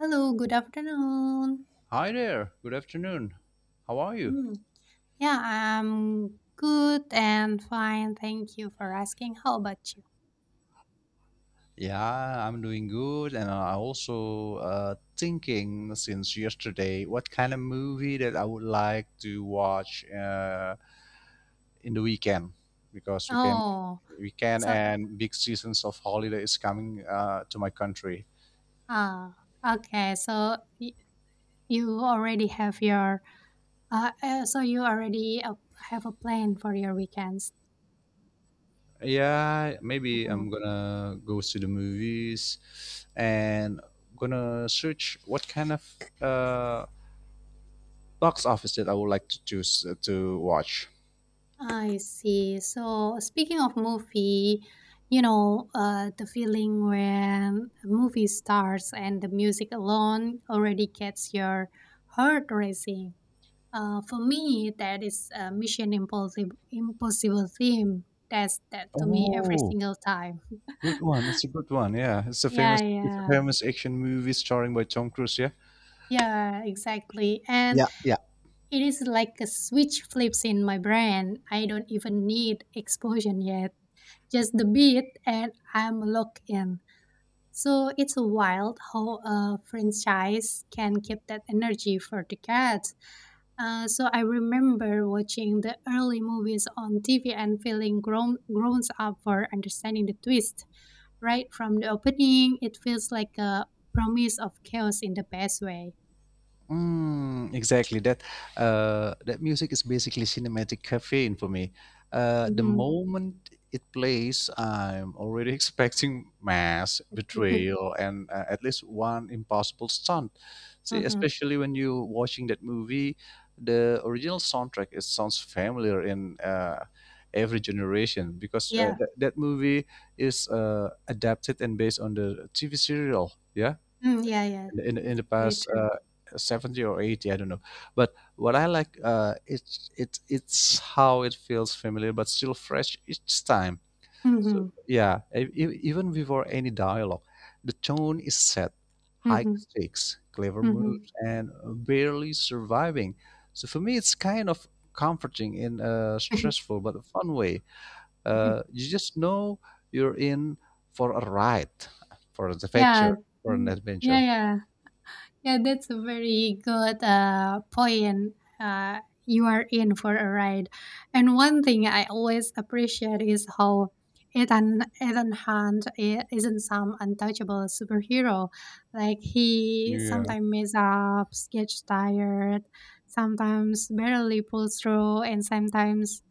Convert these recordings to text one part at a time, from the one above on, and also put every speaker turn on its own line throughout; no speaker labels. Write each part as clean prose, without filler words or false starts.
Hello, good afternoon.
Hi there. Good afternoon. How are you?
Mm. Yeah, I'm good and fine. Thank you for asking. How about you?
Yeah, I'm doing good, and I also thinking since yesterday what kind of movie that I would like to watch in the weekend because we can
Oh,
weekend
so
and big seasons of holiday is coming to my country.
ah, okay. You already have your so you already have a plan for your weekends.
Yeah, maybe
Hmm.
I'm gonna go to the movies and gonna search what kind of uh, box office that I would like to choose to watch.
I see. So speaking of movie, the feeling when a movie starts and the music alone already gets your heart racing. For me, that is a Mission Impossible theme. That's that to me every
Oh,
single time.
good one. It's a good one. Yeah, it's a
Yeah, yeah,
famous action movie starring by Tom Cruise. Yeah.
yeah, exactly. And
Yeah, yeah.
it is like a switch flips in my brain. I don't even need explosion yet, just the beat, and I'm locked in. So it's wild how a franchise can keep that energy for decades. So I remember watching the early movies on TV and feeling grown up for understanding the twist. Right from the opening, it feels like a promise of chaos in the best way.
Mm, exactly that. That music is basically cinematic caffeine for me. The
Hmm.
moment it plays, I'm already expecting mass betrayal and at least one impossible stunt. See,
Hmm.
especially when you're watching that movie, the original soundtrack it sounds familiar in every generation because
Yeah.
that movie is adapted and based on the TV serial. Yeah
Mm, yeah, yeah.
in
That's
the
very
past
true.
70 or 80, I don't know, but what I like it's how it feels familiar but still fresh each time. So
Hmm.
yeah, even before any dialogue the tone is set: high
Hmm.
stakes, clever
Hmm.
moves and barely surviving. So for me it's kind of comforting in a stressful but a fun way. uh, you just know you're in for a ride, for an
Yeah.
adventure, for an
Mm. Yeah,
adventure
yeah. Yeah, that's a very good point. You are in for a ride. And one thing I always appreciate is how Ethan Hunt isn't some untouchable superhero. Like, he
Yeah.
sometimes messes up, gets tired, sometimes barely pulls through, and sometimes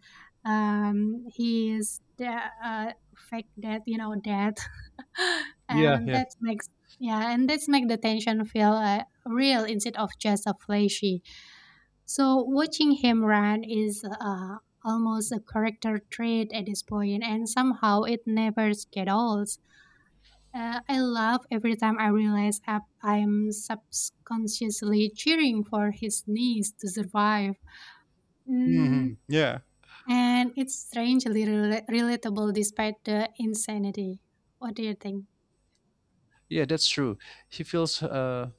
um, he is de- uh, fake dead, dead.
Yeah,
And
yeah.
that makes yeah and that's make the tension feel real instead of just a flashy so watching him run is almost a character trait at this point, and somehow it never gets old. I love every time I realize I'm subconsciously cheering for his niece to survive. Mm,
Mhm. Yeah.
and it's strangely relatable despite the insanity. What do you think?
Yeah, that's true. He feels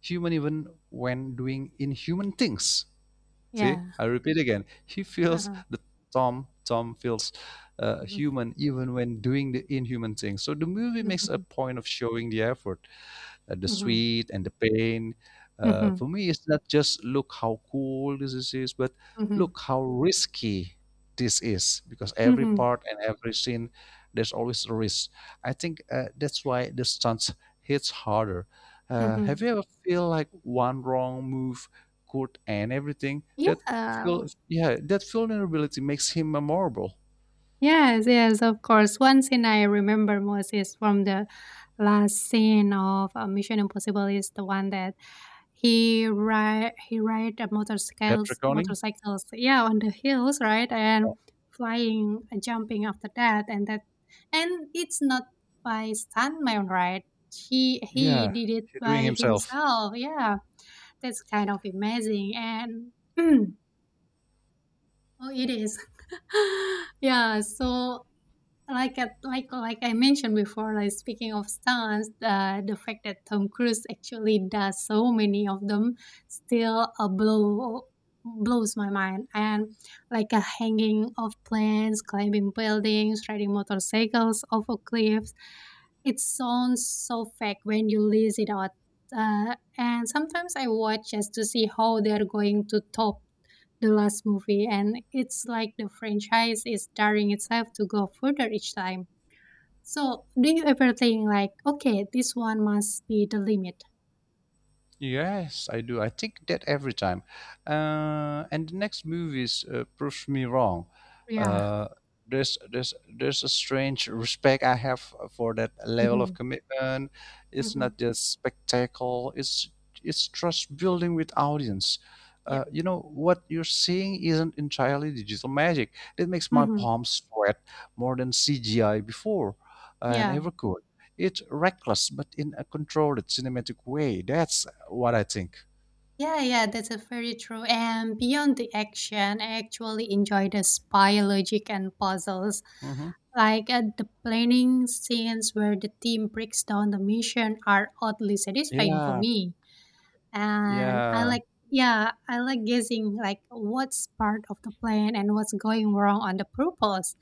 human even when doing inhuman things. See,
Yeah.
I repeat again. He feels
Uh-huh.
the Tom. Tom feels
Mm-hmm.
human even when doing the inhuman things. So the movie makes a
Mhm,
point of showing the effort, the
mhm,
sweet and the pain.
mhm,
For me, it's not just look how cool this is, but
mhm,
look how risky this is, because every
mhm,
part and every scene, there's always a risk. I think that's why the stunts hits harder.
mhm.
Have you ever feel like one wrong move could end everything? That
Yeah.
feel, yeah, that vulnerability makes him memorable.
Yes, yes, of course. One scene I remember most is from the last scene of Mission Impossible is the one that he ride a
That
motorcycles
reckoning,
motorcycles, yeah, on the hills, right? And flying, jumping after that, and that, and it's not by stuntman, right? He
yeah,
did it
he's doing
by
himself.
himself, yeah. That's kind of amazing, and oh, it is. Yeah, so like I mentioned before, like speaking of stunts, the fact that Tom Cruise actually does so many of them still blows my mind. And like a hanging off planes, climbing buildings, riding motorcycles off a cliffs, it sounds so fake when you list it out. And sometimes I watch just to see how they're going to top the last movie, and it's like the franchise is daring itself to go further each time. So, do you ever think like, okay, this one must be the limit?
Yes, I do. I think that every time. And the next movies proves me wrong.
Yeah.
Uh, there's a strange respect I have for that level
Mm-hmm.
of commitment. It's
Mm-hmm.
not just spectacle. It's trust building with audience.
Yeah.
You know what you're seeing isn't entirely digital magic. It makes my
Mm-hmm.
palms sweat more than CGI before, and
Yeah.
ever could. It's reckless, but in a controlled cinematic way. That's what I think.
Yeah, yeah, that's a very true. And beyond the action, I actually enjoy the spy logic and puzzles.
Mhm.
Like the planning scenes where the team breaks down the mission are oddly satisfying for
Yeah,
me. And I
yeah,
like yeah, I like guessing like what's part of the plan and what's going wrong on the purpose.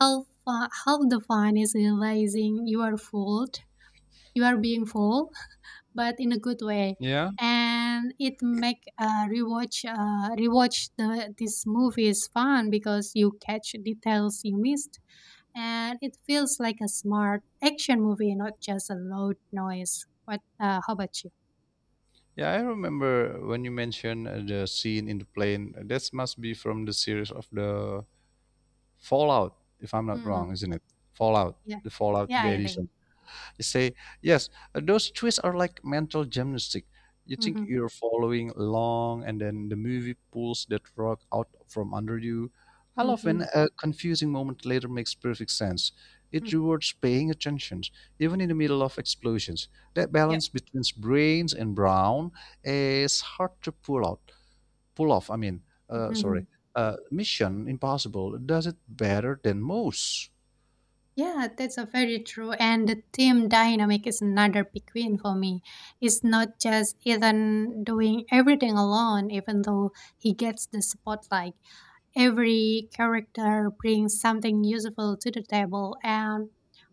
Half the fun is realizing you are being fooled, but in a good way,
yeah,
and it make rewatch the this movie is fun because you catch details you missed, and it feels like a smart action movie, not just a loud noise. What? How about you?
yeah. I remember when you mentioned the scene in the plane. That must be from the series of the Fallout, if I'm not
Hmm.
wrong, isn't it? Fallout,
Yeah,
the Fallout,
yeah,
the
I think.
edition. You say, yes, those twists are like mental gymnastics. You think
Mhm,
you're following along, and then the movie pulls that rug out from under you. I love when
mhm,
a confusing moment later makes perfect sense. It
mhm.
rewards paying attention, even in the middle of explosions. That
Yep.
balance between brains and brown is hard to pull off. I mean, uh, sorry,
Mhm.
uh, Mission Impossible does it better than most.
Yeah, that's a very true. And the team dynamic is another big win for me. It's not just Ethan doing everything alone, even though he gets the spotlight. Every character brings something useful to the table, and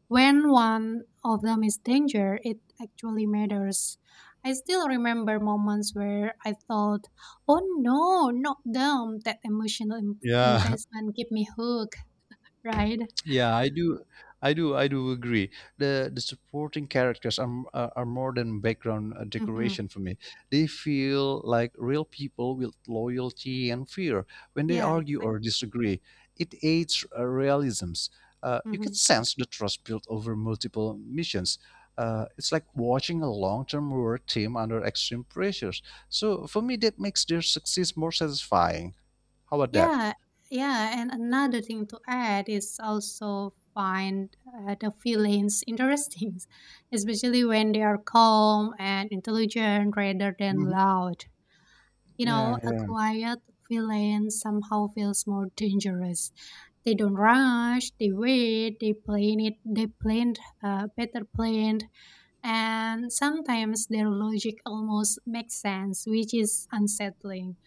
when one of them is danger, it actually matters. I still remember moments where I thought, oh no, not them. That emotional
Yeah,
investment keep me hooked, right?
Yeah, I do, I do agree. The supporting characters are more than background
Hmm.
decoration for me. They feel like real people with loyalty and fear. When they
Yeah,
argue or
exactly.
disagree, it aids realisms. You can
Mm-hmm.
sense the trust built over multiple missions. It's like watching a long-term war team under extreme pressures. So for me, that makes their success more satisfying. How about that?
Yeah, yeah, and another thing to add is also find the villains interesting, especially when they are calm and intelligent rather than
Mhm.
loud. You know,
Yeah,
a
yeah.
quiet villain somehow feels more dangerous. They don't rush, they wait, they plan it, better planned, and sometimes their logic almost makes sense, which is unsettling.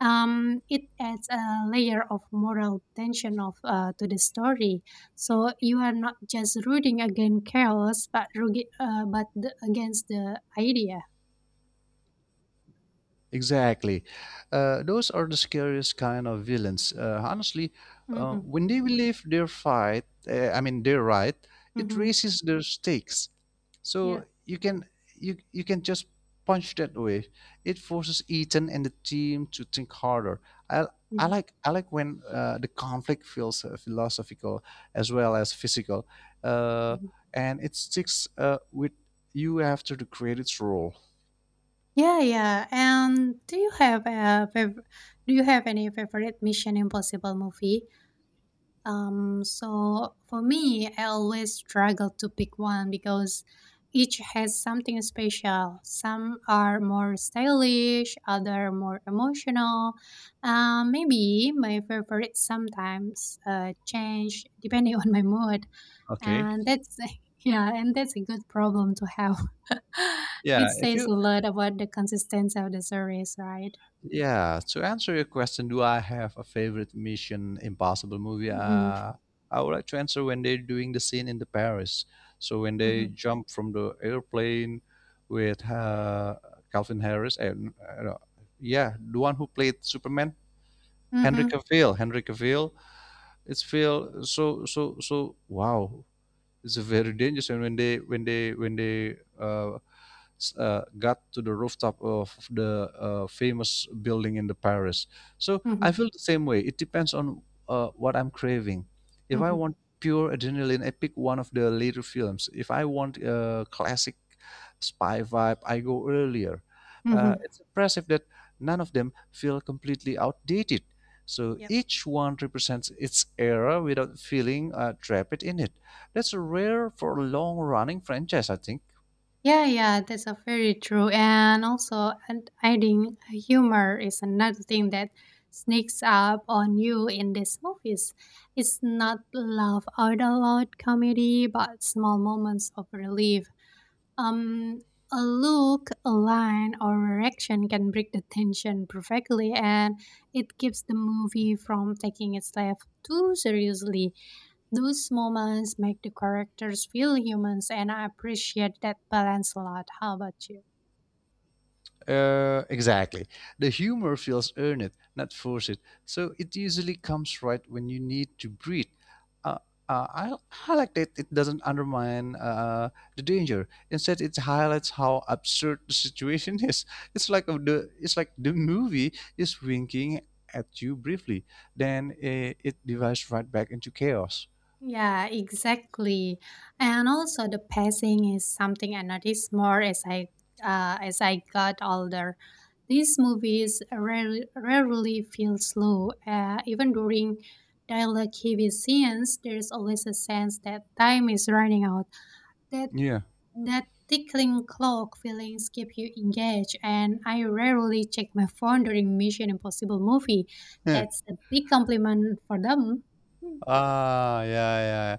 It adds a layer of moral tension of to the story. So you are not just rooting against chaos, but against the idea.
Exactly. Those are the scariest kind of villains. Honestly,
Mm-hmm,
when they believe their fight, I mean their right, it
mm-hmm,
raises their stakes.
yeah.
So you can just punch that way. It forces Ethan and the team to think harder. I I
Mhm,
like I like when the conflict feels philosophical as well as physical, uh,
mhm.
and it sticks with you after the credits roll.
Yeah, yeah. And do you have a fav- do you have any favorite Mission Impossible movie? So for me, I always struggle to pick one because each has something special. Some are more stylish, other more emotional. Maybe my favorite sometimes change depending on my mood,
Okay.
and that's yeah, and that's a good problem to have. It
Yeah, if
says a
you
lot about the consistency of the service, right?
Yeah, to answer your question, do I have a favorite Mission Impossible movie?
Mm-hmm,
I would like to answer when they're doing the scene in the Paris. So when they
mm-hmm,
jump from the airplane with Calvin Harris and no, yeah, the one who played Superman,
mm-hmm,
Henry Cavill. It's feel so so so wow. It's a very dangerous. And when they when they when they got to the rooftop of the famous building in the Paris. So
mm-hmm,
I feel the same way. It depends on what I'm craving. If I
mm-hmm,
want pure adrenaline, I pick one of the later films. If I want a classic spy vibe, I go earlier.
mm-hmm.
It's impressive that none of them feel completely outdated. So
Yep.
each one represents its era without feeling trapped in it. That's rare for a long running franchise, I think.
Yeah, yeah, that's a very true. And also, and adding humor is another thing that sneaks up on you in these movies. It's not laugh out loud comedy, but small moments of relief. Um, a look, a line, or a reaction can break the tension perfectly, and it keeps the movie from taking itself too seriously. Those moments make the characters feel humans, and I appreciate that balance a lot. How about you?
Exactly. The humor feels earned, not forced. So it usually comes right when you need to breathe. Uh, uh, I, I like that it doesn't undermine the danger. Instead, it highlights how absurd the situation is. It's like the movie is winking at you briefly, then it dives right back into chaos.
Yeah, exactly. And also the pacing is something I noticed more as I got older. These movies rarely feel slow. Even during dialogue heavy scenes, there's always a sense that time is running out. That
Yeah.
That tickling clock feelings keep you engaged, and I rarely check my phone during Mission Impossible movie.
Yeah.
That's a big compliment for them. Hmm.
Ah, yeah, yeah.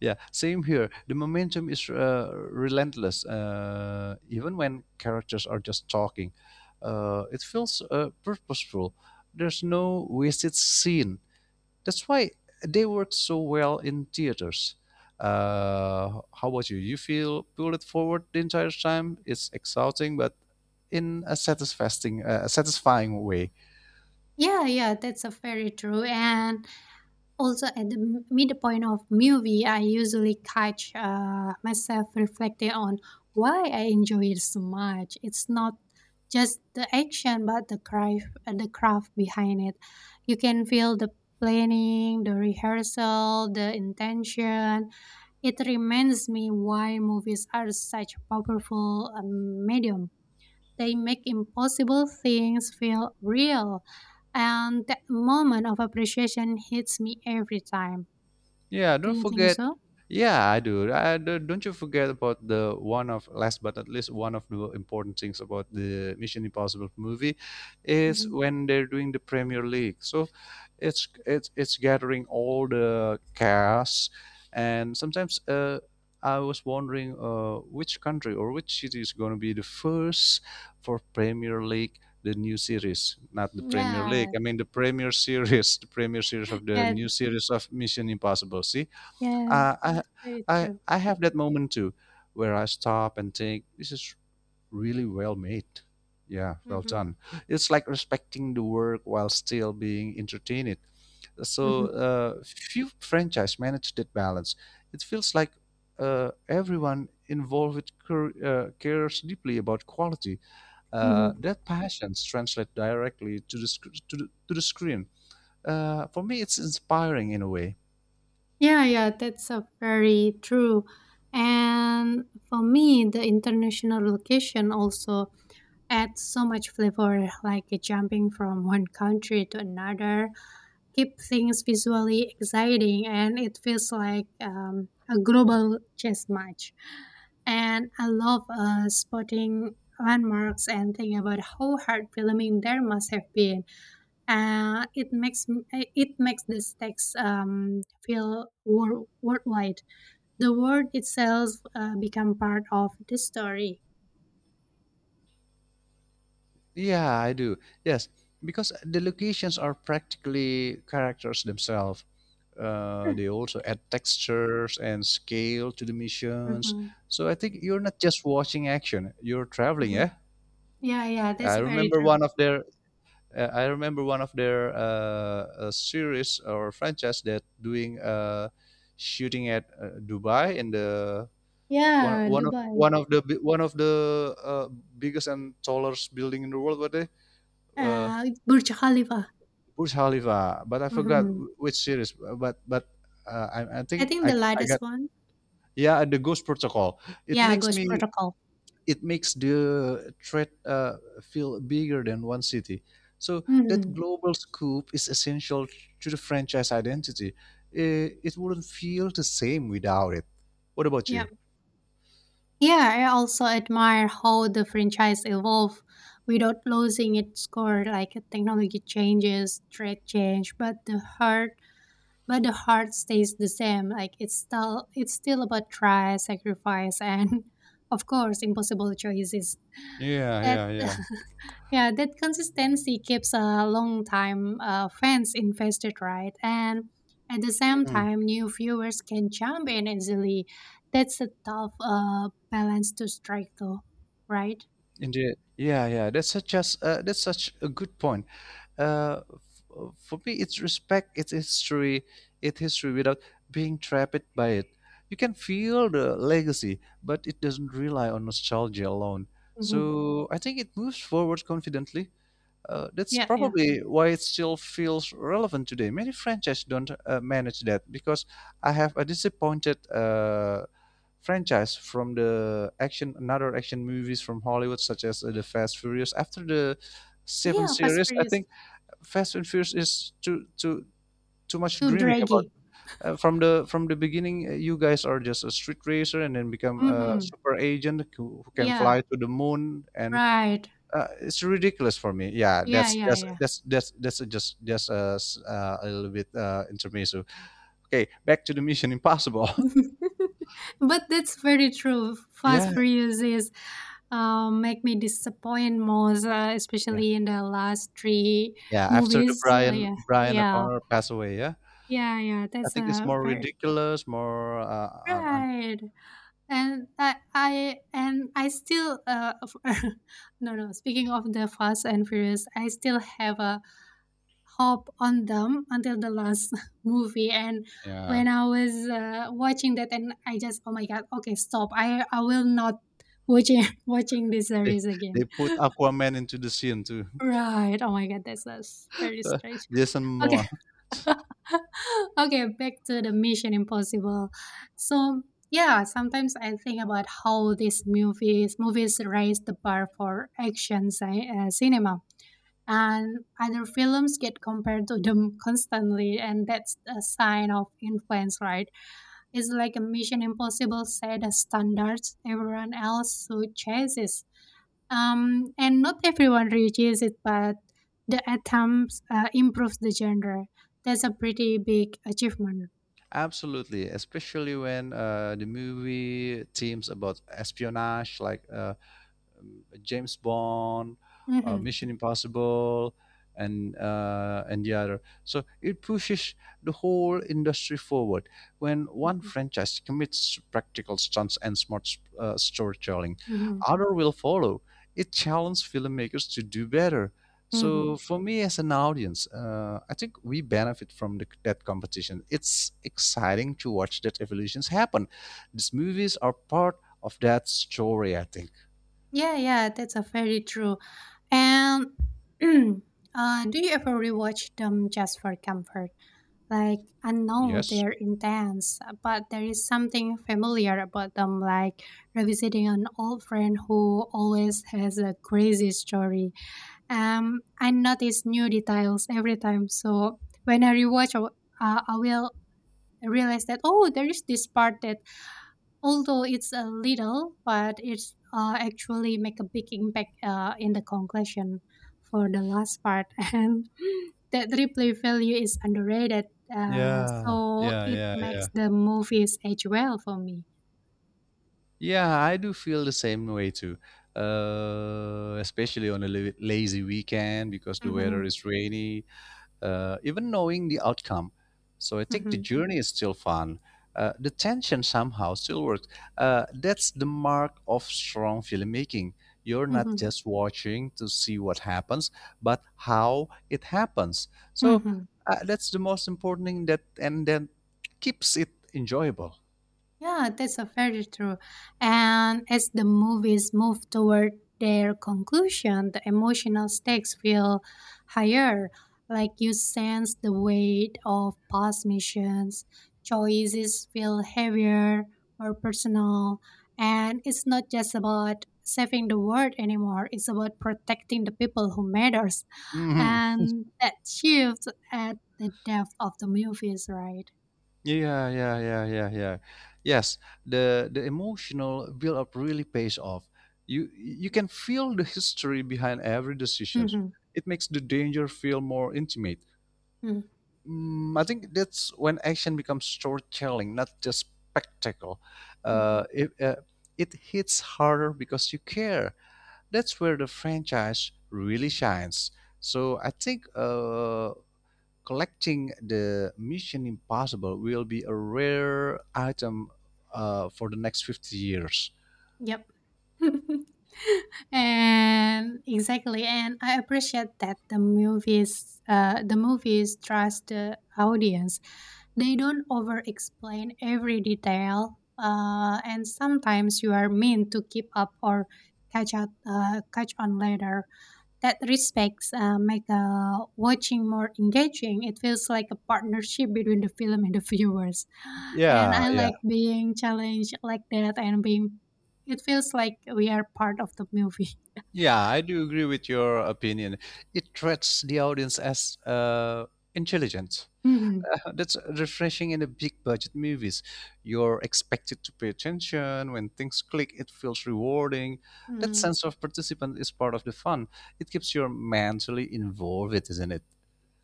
Yeah, same here. The momentum is relentless, even when characters are just talking. It feels purposeful. There's no wasted scene. That's why they work so well in theaters. How about you? You feel pulled forward the entire time. It's exhausting, but in a satisfying way.
Yeah, yeah, that's a very true. And also, at the midpoint of movie, I usually catch myself reflecting on why I enjoy it so much. It's not just the action, but the craft, the craft behind it. You can feel the planning, the rehearsal, the intention. It reminds me why movies are such powerful medium. They make impossible things feel real, and that moment of appreciation hits me every time.
Yeah,
Do
don't
you think
forget.
so?
Yeah, I do. Don't you forget about the one of last but not least one of the important things about the Mission Impossible movie is
Hmm.
when they're doing the Premier League. So it's gathering all the cast, and sometimes I was wondering which country or which city is going to be the first for Premier League the new series, not the Premier League.
Yeah,
I mean the Premier Series of the
yeah,
new series of Mission Impossible. See,
yeah,
uh, I,
very true.
I have that moment too, where I stop and think, this is really well made. Yeah, well
Hmm.
done. It's like respecting the work while still being entertained. So
Hmm.
few franchise manage that balance. It feels like everyone involved cares deeply about quality
Hmm.
uh, That passions translate directly to the sc- to the screen. For me, it's inspiring in a way.
Yeah, yeah, that's a very true. And for me, the international location also adds so much flavor, like jumping from one country to another keep things visually exciting, and it feels like a global chess match. And I love spotting landmarks and think about how hard filming there must have been. It makes this text feel worldwide. The world itself become part of the story.
Yeah, I do. Yes, because the locations are practically characters themselves.
Hmm.
They also add textures and scale to the missions.
Hmm.
So I think you're not just watching action; you're traveling.
Hmm.
Yeah,
Yeah, yeah,
I
that's very
remember
true.
one of their I remember one of their series or franchise that doing shooting at Dubai in the one
Yeah,
one
Dubai.
of the bi- one of the biggest and tallest building in the world. Were they uh,
Burj Khalifa.
Burj Khalifa? But I forgot
Hmm.
which series. But I
I
think
think the
I
lightest
got
one,
yeah the Ghost Protocol. It
yeah,
makes
Ghost
me
Protocol.
it makes the threat feel bigger than one city. So that
Mhm.
global scope is essential to the franchise identity. It wouldn't feel the same without it. What about
Yeah.
you?
Yeah, I also admire how the franchise evolved without losing its core. Like technology changes, trade change, but the heart stays the same. Like it's still about try, sacrifice, and of course, impossible choices.
Yeah,
That
yeah, yeah.
Yeah, that consistency keeps a long time fans invested, right? And at the same
Mhm.
time, new viewers can jump in easily. That's a tough balance to strike, though, right?
Indeed. Yeah, yeah. That's such a good point. For me, it's respect its history without being trapped by it. You can feel the legacy, but it doesn't rely on nostalgia alone.
Mm-hmm.
So I think it moves forward confidently. That's
Yeah, yeah,
probably why it still feels relevant today. Many franchises don't manage that because I have a disappointed franchise from the action, another action movies from Hollywood, such as the Fast Furious. After the seven
yeah. Fast
series, I
Furious
think Fast and Furious is too much
too
dreaming about.
draggy.
From the beginning, you guys are just a street racer and then become a
Mm-hmm.
super agent who can
Yeah,
fly to the moon, and
right.
it's ridiculous for me. Yeah,
Yeah,
that's
yeah,
that's
yeah.
that's that's that's just a little bit intermezzo. Okay, back to the Mission Impossible.
But that's very true. Fast
yeah,
Furious is make me disappoint most,
yeah,
especially in the last three
yeah. After the
movies.
Brian
Yeah,
Brian
yeah,
O'Connor passed away, yeah,
yeah, yeah.
I
That's
think it's
a
more
very
ridiculous, more
right. And I still no, no. Speaking of the Fast and Furious, I still have a hop on them until the last movie, and
yeah.
when I was watching that, and I just oh my god okay stop I will not watching watching this
They,
series
they
again.
put Aquaman into the scene too.
Right, oh my god, that's very
Uh,
strange.
Jason
Okay.
Momoa.
Okay, back to the Mission Impossible. So yeah, sometimes I think about how these movies raise the bar for action cinema, and other films get compared to them constantly, and that's a sign of influence, right? It's like a Mission Impossible set of standards everyone else who chases. Um, and not everyone reaches it, but the attempts improves the genre. That's a pretty big achievement.
Absolutely, especially when the movie themes about espionage, like James Bond,
Hmm.
Mission Impossible, and the other. So it pushes the whole industry forward. When one franchise commits practical stunts and smart storytelling,
Hmm.
other will follow. It challenges filmmakers to do better.
Hmm.
So for me as an audience, I think we benefit from that competition. It's exciting to watch that evolutions happen. These movies are part of that story, I think.
Yeah, yeah, that's a very true. And do you ever rewatch them just for comfort? Like, I know
Yes.
they're intense, but there is something familiar about them, like revisiting an old friend who always has a crazy story. I notice new details every time, so when I rewatch, I will realize that oh, there is this part that although it's a little, but it's actually make a big impact in the conclusion for the last part, and that replay value is underrated. Uh,
Yeah,
so
yeah,
it
yeah,
makes
yeah.
the movies age well for me.
Yeah, I do feel the same way too. Especially on a lazy weekend because the weather
hmm
is rainy, even knowing the outcome. So I think the
hmm
journey is still fun. The tension somehow still works. That's the mark of strong filmmaking. You're not
hmm
just watching to see what happens, but how it happens. So
hmm
that's the most important thing, that and then keeps it enjoyable.
Yeah, that's a very true. And as the movies move toward their conclusion, the emotional stakes feel higher. Like you sense the weight of past missions, choices feel heavier, more personal, and it's not just about saving the world anymore. It's about protecting the people who matters,
Hmm.
and that shifts at the depth of the movies, right?
Yeah, yeah, yeah, yeah, yeah. Yes, the emotional build up really pays off. You can feel the history behind every decisions.
Mm-hmm.
It makes the danger feel more intimate.
Mm-hmm.
I think that's when action becomes storytelling, not just spectacle.
Mm-hmm.
Uh, it uh, it hits harder because you care. That's where the franchise really shines. So I think collecting the Mission Impossible will be a rare item for the next 50 years.
Yep. And exactly, and I appreciate that the movies trust the audience. They don't over explain every detail, and sometimes you are meant to keep up or catch on later. That respects, make watching more engaging. It feels like a partnership between the film and the viewers, and
Yeah,
I
yeah,
like being challenged like that and being. It feels like we are part of the movie.
yeah. I do agree with your opinion. It treats the audience as intelligent.
Mhm.
That's refreshing in the big budget movies. You're expected to pay attention. When things click, it feels rewarding. That
Mhm.
sense of participant is part of the fun. It keeps you mentally involved, isn't it?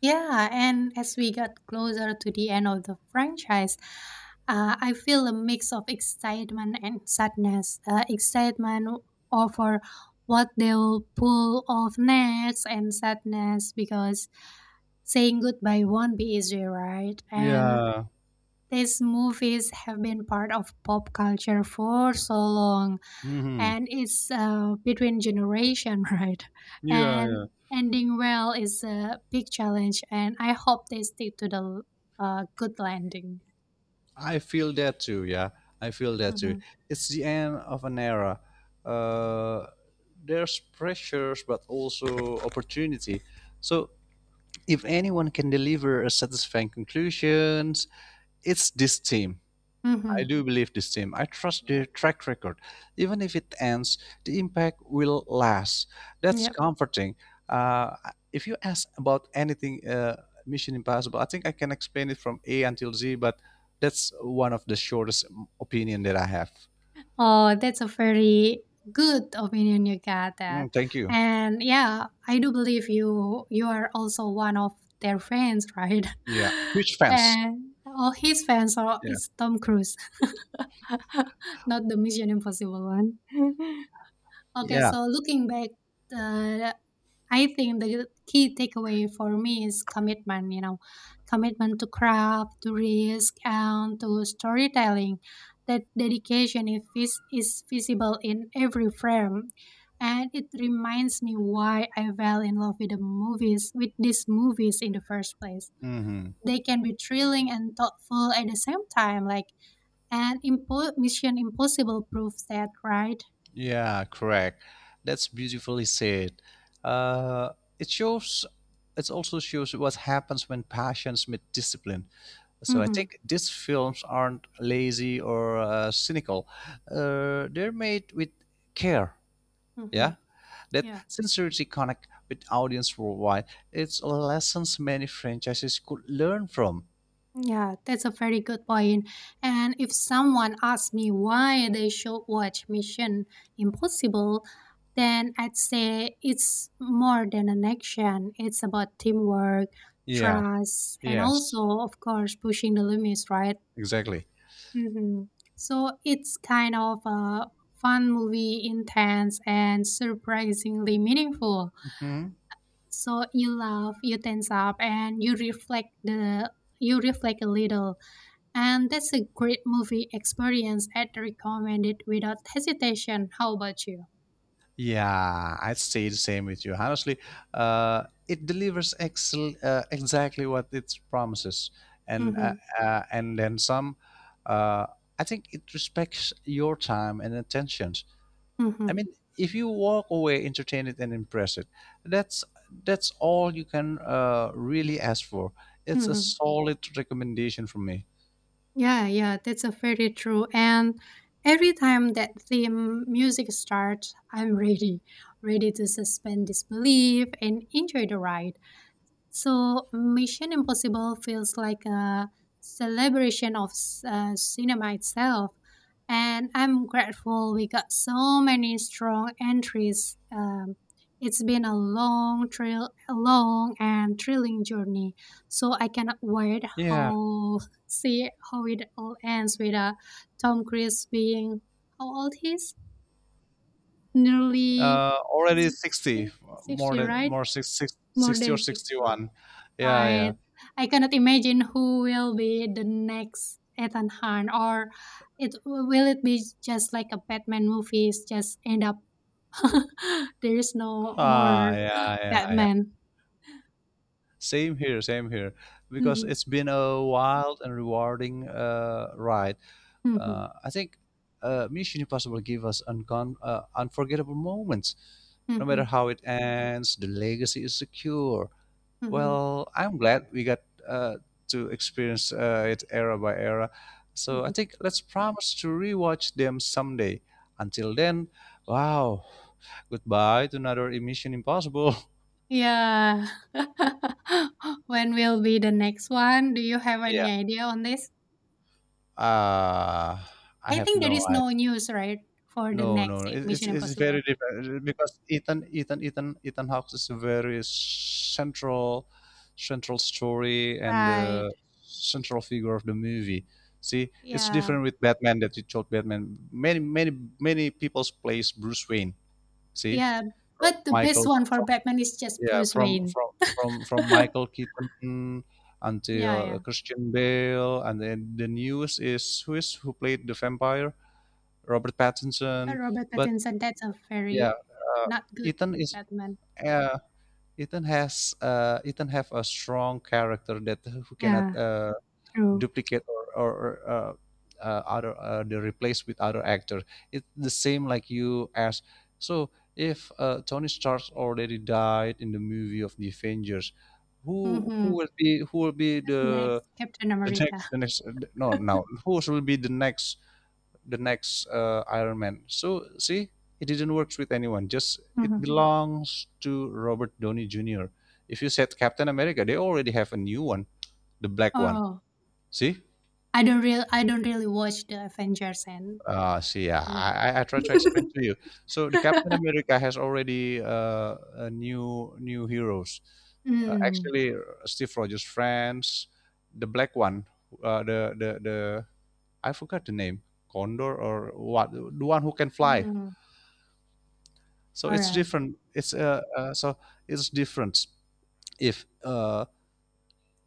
Yeah, and as we got closer to the end of the franchise, I feel a mix of excitement and sadness. Excitement over what they'll pull off next, and sadness because saying goodbye won't be easy, right? And
Yeah.
these movies have been part of pop culture for so long,
Hmm.
and it's, between generation, right?
Yeah,
And
yeah.
ending well is a big challenge, and I hope they stick to the good landing.
I feel that too. Yeah. I feel that too.
Mm-hmm.
It's the end of an era. Uh, there's pressures, but also opportunity. So if anyone can deliver a satisfying conclusions, it's this team. I
Mm-hmm.
do believe this team. I trust their track record. Even if it ends, the impact will last. That's
Yeah.
comforting. Uh, if you ask about anything Mission Impossible, I think I can explain it from A until Z, but that's one of the shortest opinion that I have.
Oh, that's a very good opinion you got that.
Mm, thank you.
And yeah, I do believe you are also one of their fans, right?
Yeah, huge fans.
And all his fans are,
Yeah,
it's Tom Cruise, not the Mission Impossible one. Okay,
yeah.
so looking back, uh, I think the key takeaway for me is commitment, you know, commitment to craft, to risk, and to storytelling. That dedication is, is visible in every frame. And it reminds me why I fell in love with the movies, with these movies in the first place.
Hmm.
They can be thrilling and thoughtful at the same time, like, and Mission Impossible proves that, right?
Yeah, correct. That's beautifully said. Uh, it shows. It also shows what happens when passions meet discipline. So I
Mm-hmm.
think these films aren't lazy or cynical. They're made with care.
Mm-hmm.
Yeah, that
Yeah.
sincerity connect with audience worldwide. It's lessons many franchises could learn from.
Yeah, that's a very good point. And if someone asks me why they should watch Mission Impossible, then I'd say it's more than an action. It's about teamwork,
Yeah.
trust, and
Yes.
also, of course, pushing the limits, right?
Exactly.
Hmm. So it's kind of a fun movie, intense, and surprisingly meaningful.
Mhm.
So you laugh, you tense up, and you reflect a little, and that's a great movie experience. I'd recommend it without hesitation. How about you?
Yeah, I'd say the same with you. Honestly, it delivers excel exactly what it promises, and
Mm-hmm.
uh, and then some. Uh, I think it respects your time and attentions. I
Mm-hmm.
mean, if you walk away entertained and impressed, that's that's all you can really ask for. It's a
Mm-hmm.
solid recommendation from me.
Yeah, yeah, that's a very true. And every time that theme music starts, I'm ready, ready to suspend disbelief and enjoy the ride. So Mission Impossible feels like a celebration of cinema itself. And I'm grateful we got so many strong entries. It's been a a long and thrilling journey. So I cannot wait
Yeah,
how see how it all ends with Tom Cruise being how old he is? Nearly
already 60,
60,
more
60
than
right?
more six, six
More
sixty or
than 60.
61. Yeah,
Right.
yeah.
I cannot imagine who will be the next Ethan Hunt, or it be just like a Batman movies, just end up there is no
Ah,
more
yeah, yeah, yeah.
Batman.
Same here, same here. Because
Mhm,
it's been a wild and rewarding ride.
mhm,
I think Mission Impossible gave us unforgettable moments. No matter
mhm,
how it ends, the legacy is secure.
mhm,
Well, I'm glad we got uh, to experience it era by era. So I
mhm.
think let's promise to rewatch them someday. Until then, wow, goodbye to another Emission Impossible.
Yeah. When will be the next one? Do you have
Yeah.
any idea on this?
Uh, I
I
have
think there
no.
is no news, right, for the
No,
next
no, no. It's
Mission
it's
Impossible.
very different because Ethan Hawke is a very central story and
Right.
central figure of the movie. See, it's
Yeah.
different with Batman, that you told Batman. Many people's plays Bruce Wayne. See,
Yeah,
from
but the best
Michael
one for
from
Batman is just
yeah,
Bruce
from
Wayne.
from from from Michael Keaton
Yeah,
until
yeah.
Christian Bale, and then the news is who played the vampire, Robert Pattinson,
Robert
but
Pattinson, that's a
yeah,
very
uh,
not good
Ethan is
Batman.
uh, Ethan has Ethan have a strong character that who cannot
Yeah, true.
duplicate or, other they replace with other actor. It's the same like you ask. So if Tony Stark already died in the movie of the Avengers,
Mhm.
who will be
Next, Captain America.
the next no no who will be the next Iron Man. So see, it didn't work with anyone. Just it
Mhm.
belongs to Robert Downey Jr. If you said Captain America, they already have a new one, the black one.
Oh,
See,
I don't really watch the Avengers and
yeah, I try to explain to you. So the Captain America has already a new new heroes.
Mm,
Actually, Steve Rogers' friends, the black one, the I forgot the name, Condor or what, the one who can fly.
mm.
So it's
Alright,
different. It's different if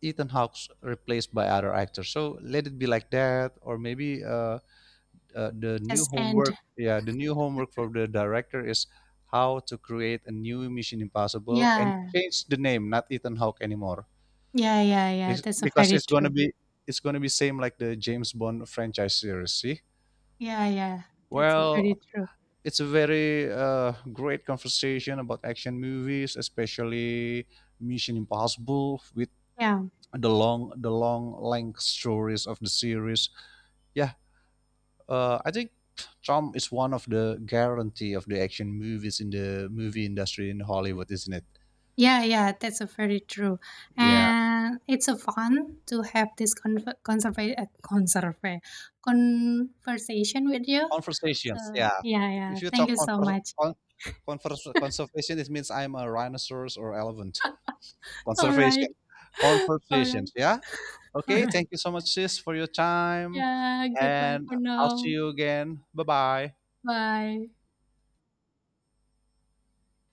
Ethan Hawke's replaced by other actors. So let it be like that, or maybe the new
just
homework.
end.
Yeah, the new homework for the director is how to create a new Mission Impossible and
Yeah.
change the name, not Ethan Hawke anymore.
Yeah, yeah, yeah. That's a
Because
very
it's gonna
true.
be it's gonna be same like the James Bond franchise series. See,
Yeah, yeah. That's a very
well,
true.
it's a very great conversation about action movies, especially Mission Impossible with
Yeah.
the long length stories of the series. Yeah, I think Tom is one of the guarantee of the action movies in the movie industry in Hollywood, isn't it?
Yeah, yeah, that's a very true.
Yeah,
And it's a fun to have this conserva- uh, conserva- conversation with you.
conversations.
So,
Yeah,
yeah, yeah,
if you
thank
talk
you so much.
conservation, it means I'm a rhinoceros or elephant.
All right.
Conservation,
All right.
conversations. Yeah.
All
Okay,
right.
thank you so much, sis, for your time.
Yeah, goodbye
And
for
I'll see
now.
you again. Bye bye.
Bye.